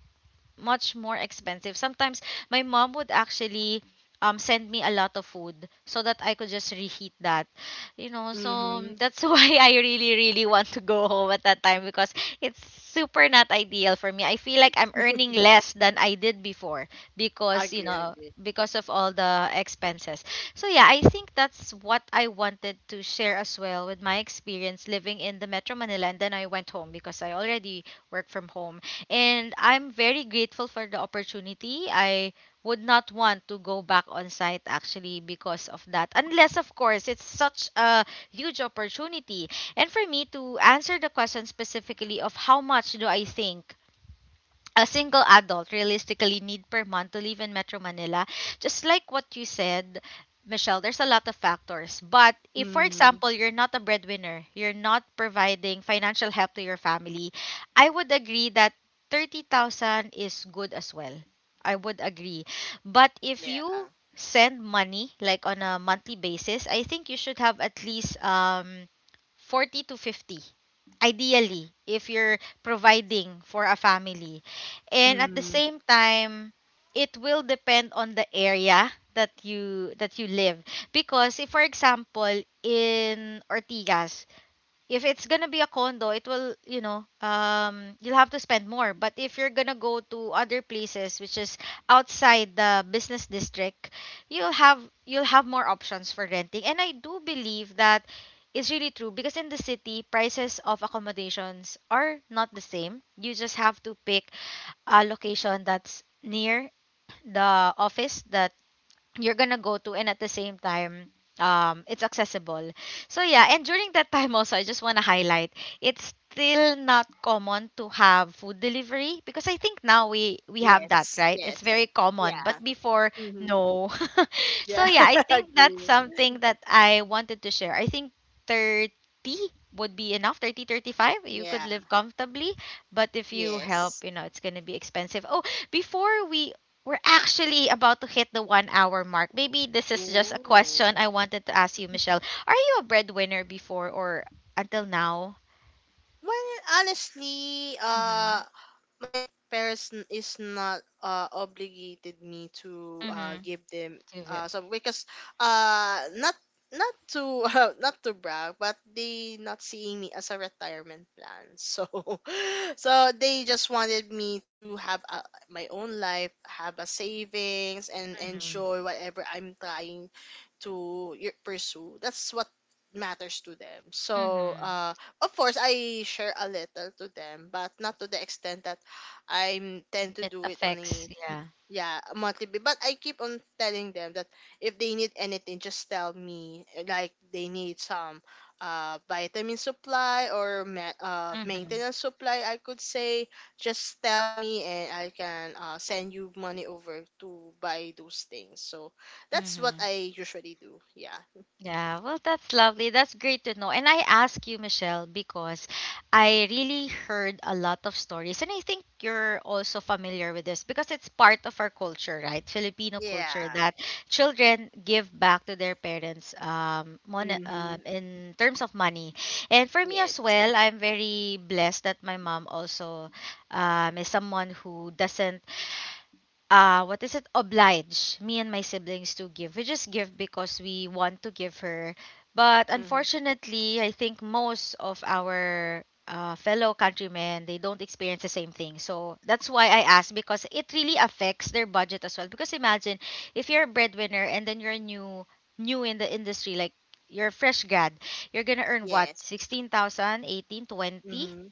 much more expensive. Sometimes my mom would actually send me a lot of food so that I could just reheat that. You know, so Mm-hmm. that's why I really really want to go home at that time because it's super not ideal for me. I feel like I'm earning less than I did before because, you Agree, know, agree. because of all the expenses. So yeah, I think that's what I wanted to share as well with my experience living in the Metro Manila, and then I went home because I already work from home, and I'm very grateful for the opportunity. I would not want to go back on site actually because of that. Unless, of course, it's such a huge opportunity. And for me to answer the question specifically of how much do I think a single adult realistically need per month to live in Metro Manila, just like what you said, Michelle, there's a lot of factors. But if, for Mm, example, you're not a breadwinner, you're not providing financial help to your family, I would agree that 30,000 is good as well. I would agree. But if yeah. you send money like on a monthly basis, I think you should have at least 40 to 50, ideally, if you're providing for a family, and at the Mm, same time it will depend on the area that you live. Because if, for example, in Ortigas, if it's gonna be a condo, it will, you know, you'll have to spend more. But if you're gonna go to other places, which is outside the business district, you'll have you'll have more options for renting. And I do believe that is really true because in the city, prices of accommodations are not the same. You just have to pick a location that's near the office that you're gonna go to, and at the same time it's accessible. So yeah, and during that time also, I just want to highlight it's still not common to have food delivery because I think now we have that, yes, right? It's yes. very common, but Yeah. before, Mm-hmm. no. So Yeah, yeah, I think that's agree. something that I wanted to share. I think 30 would be enough. 30-35, you could Yeah, live comfortably, but if you yes. help, it's going to be expensive. Oh, before we're actually about to hit the 1 hour mark. Maybe this is just a question Ooh. I wanted to ask you, Michelle. Are you a breadwinner before or until now? Well, honestly, Mm-hmm. my parents is not obligated me to Mm-hmm. give them Give it. Some, because not not to not to brag, but they not seeing me as a retirement plan. So so they just wanted me to have a, my own life, have a savings and Mm-hmm. enjoy whatever I'm trying to pursue. That's what matters to them. So, Mm-hmm. Of course, I share a little to them, but not to the extent that I tend to It do it on affects, a, yeah. yeah, a monthly. But I keep on telling them that if they need anything, just tell me. Like they need some vitamin supply or Mm-hmm. maintenance supply, I could say. Just tell me, and I can send you money over to buy those things. So that's what Mm-hmm. I usually do. Yeah. Yeah, well, that's lovely. That's great to know. And I ask you, Michelle, because I really heard a lot of stories, and I think you're also familiar with this because it's part of our culture, right? Filipino culture Yeah. that children give back to their parents Mm-hmm. In terms of money. And for me as Yes. well, I'm very blessed that my mom also is someone who doesn't, what is it, oblige me and my siblings to give. We just give because we want to give her. But Mm-hmm. unfortunately, I think most of our fellow countrymen, they don't experience the same thing, so that's why I ask, because it really affects their budget as well. Because imagine if you're a breadwinner and then you're new in the industry, like you're a fresh grad, you're gonna earn what? Yes. 16,000, 18, 20, Mm-hmm.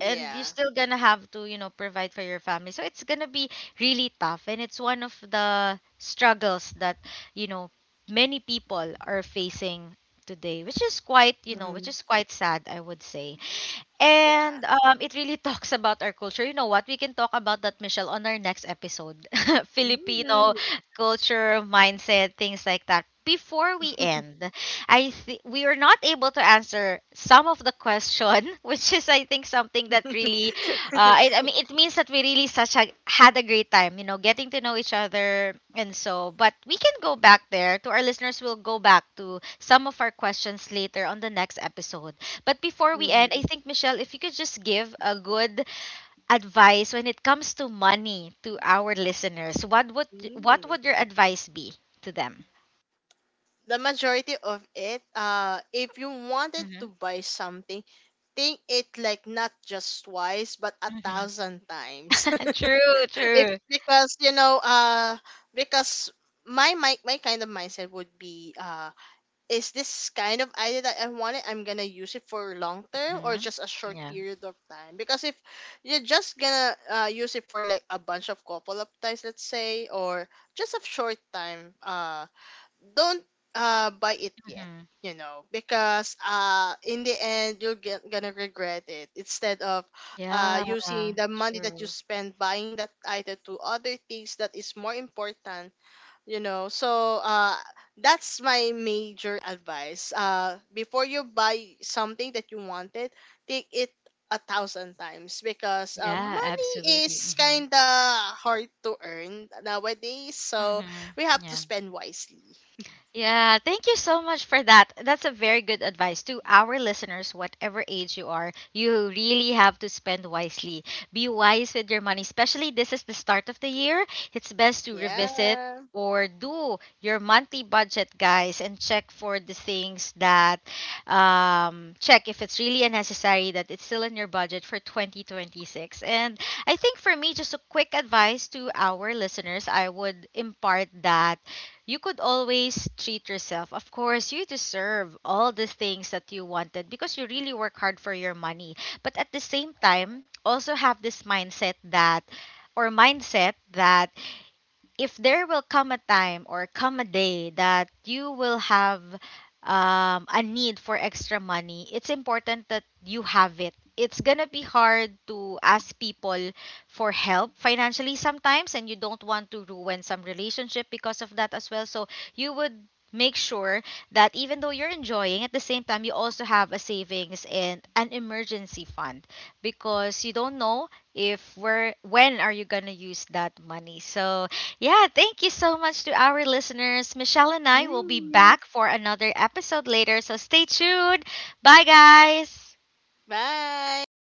and you're still gonna have to, provide for your family, so it's gonna be really tough. And it's one of the struggles that, you know many people are facing today, which is quite you know Mm-hmm. which is quite sad, I would say. Yeah. And it really talks about our culture. You know what? We can talk about that, Michelle, on our next episode. Filipino Mm-hmm. culture, mindset, things like that. Before we end, we were not able to answer some of the question, which is I think something that really, I mean, it means that we really, had a great time, getting to know each other and so. But we can go back there. To our listeners, we'll go back to some of our questions later on the next episode. But before we end, I Mm-hmm. think, Michelle, if you could just give a good advice when it comes to money to our listeners, what Mm-hmm. would your advice be to them? The majority of it, if you wanted Mm-hmm. to buy something, think it like not just twice but a Mm-hmm. thousand times. True, if true. Because, you know, because my kind of mindset would be is this kind of idea that I want it, I'm gonna use it for long term or Mm-hmm. just a short Yeah. period of time. Because if you're just gonna use it for like a bunch of couple of times, let's say, or just a short time, don't buy it yet. Mm-hmm. You know, because in the end you're gonna regret it, instead of Yeah, using the money that you true. spend buying that item to other things that is more important, you know. So that's my major advice. Before you buy something that you wanted, take it a thousand times, because Yeah, money absolutely. is Mm-hmm. kind of hard to earn nowadays, so Mm-hmm. we have to Yeah. spend wisely. Yeah, thank you so much for that. That's a very good advice to our listeners, whatever age you are. You really have to spend wisely. Be wise with your money, especially this is the start of the year. It's best to revisit Yeah. or do your monthly budget, guys, and check for the things that, check if it's really unnecessary that it's still in your budget for 2026. And I think for me, just a quick advice to our listeners, I would impart that you could always treat yourself. Of course, you deserve all the things that you wanted because you really work hard for your money. But at the same time, also have this mindset that, or mindset that if there will come a time or come a day that you will have a need for extra money, it's important that you have it. It's gonna be hard to ask people for help financially sometimes, and you don't want to ruin some relationship because of that as well. So you would make sure that even though you're enjoying, at the same time, you also have a savings and an emergency fund, because you don't know if we're when are you gonna use that money. So yeah, thank you so much to our listeners. Michelle and I will be Mm. back for another episode later, so stay tuned. Bye, guys. Bye.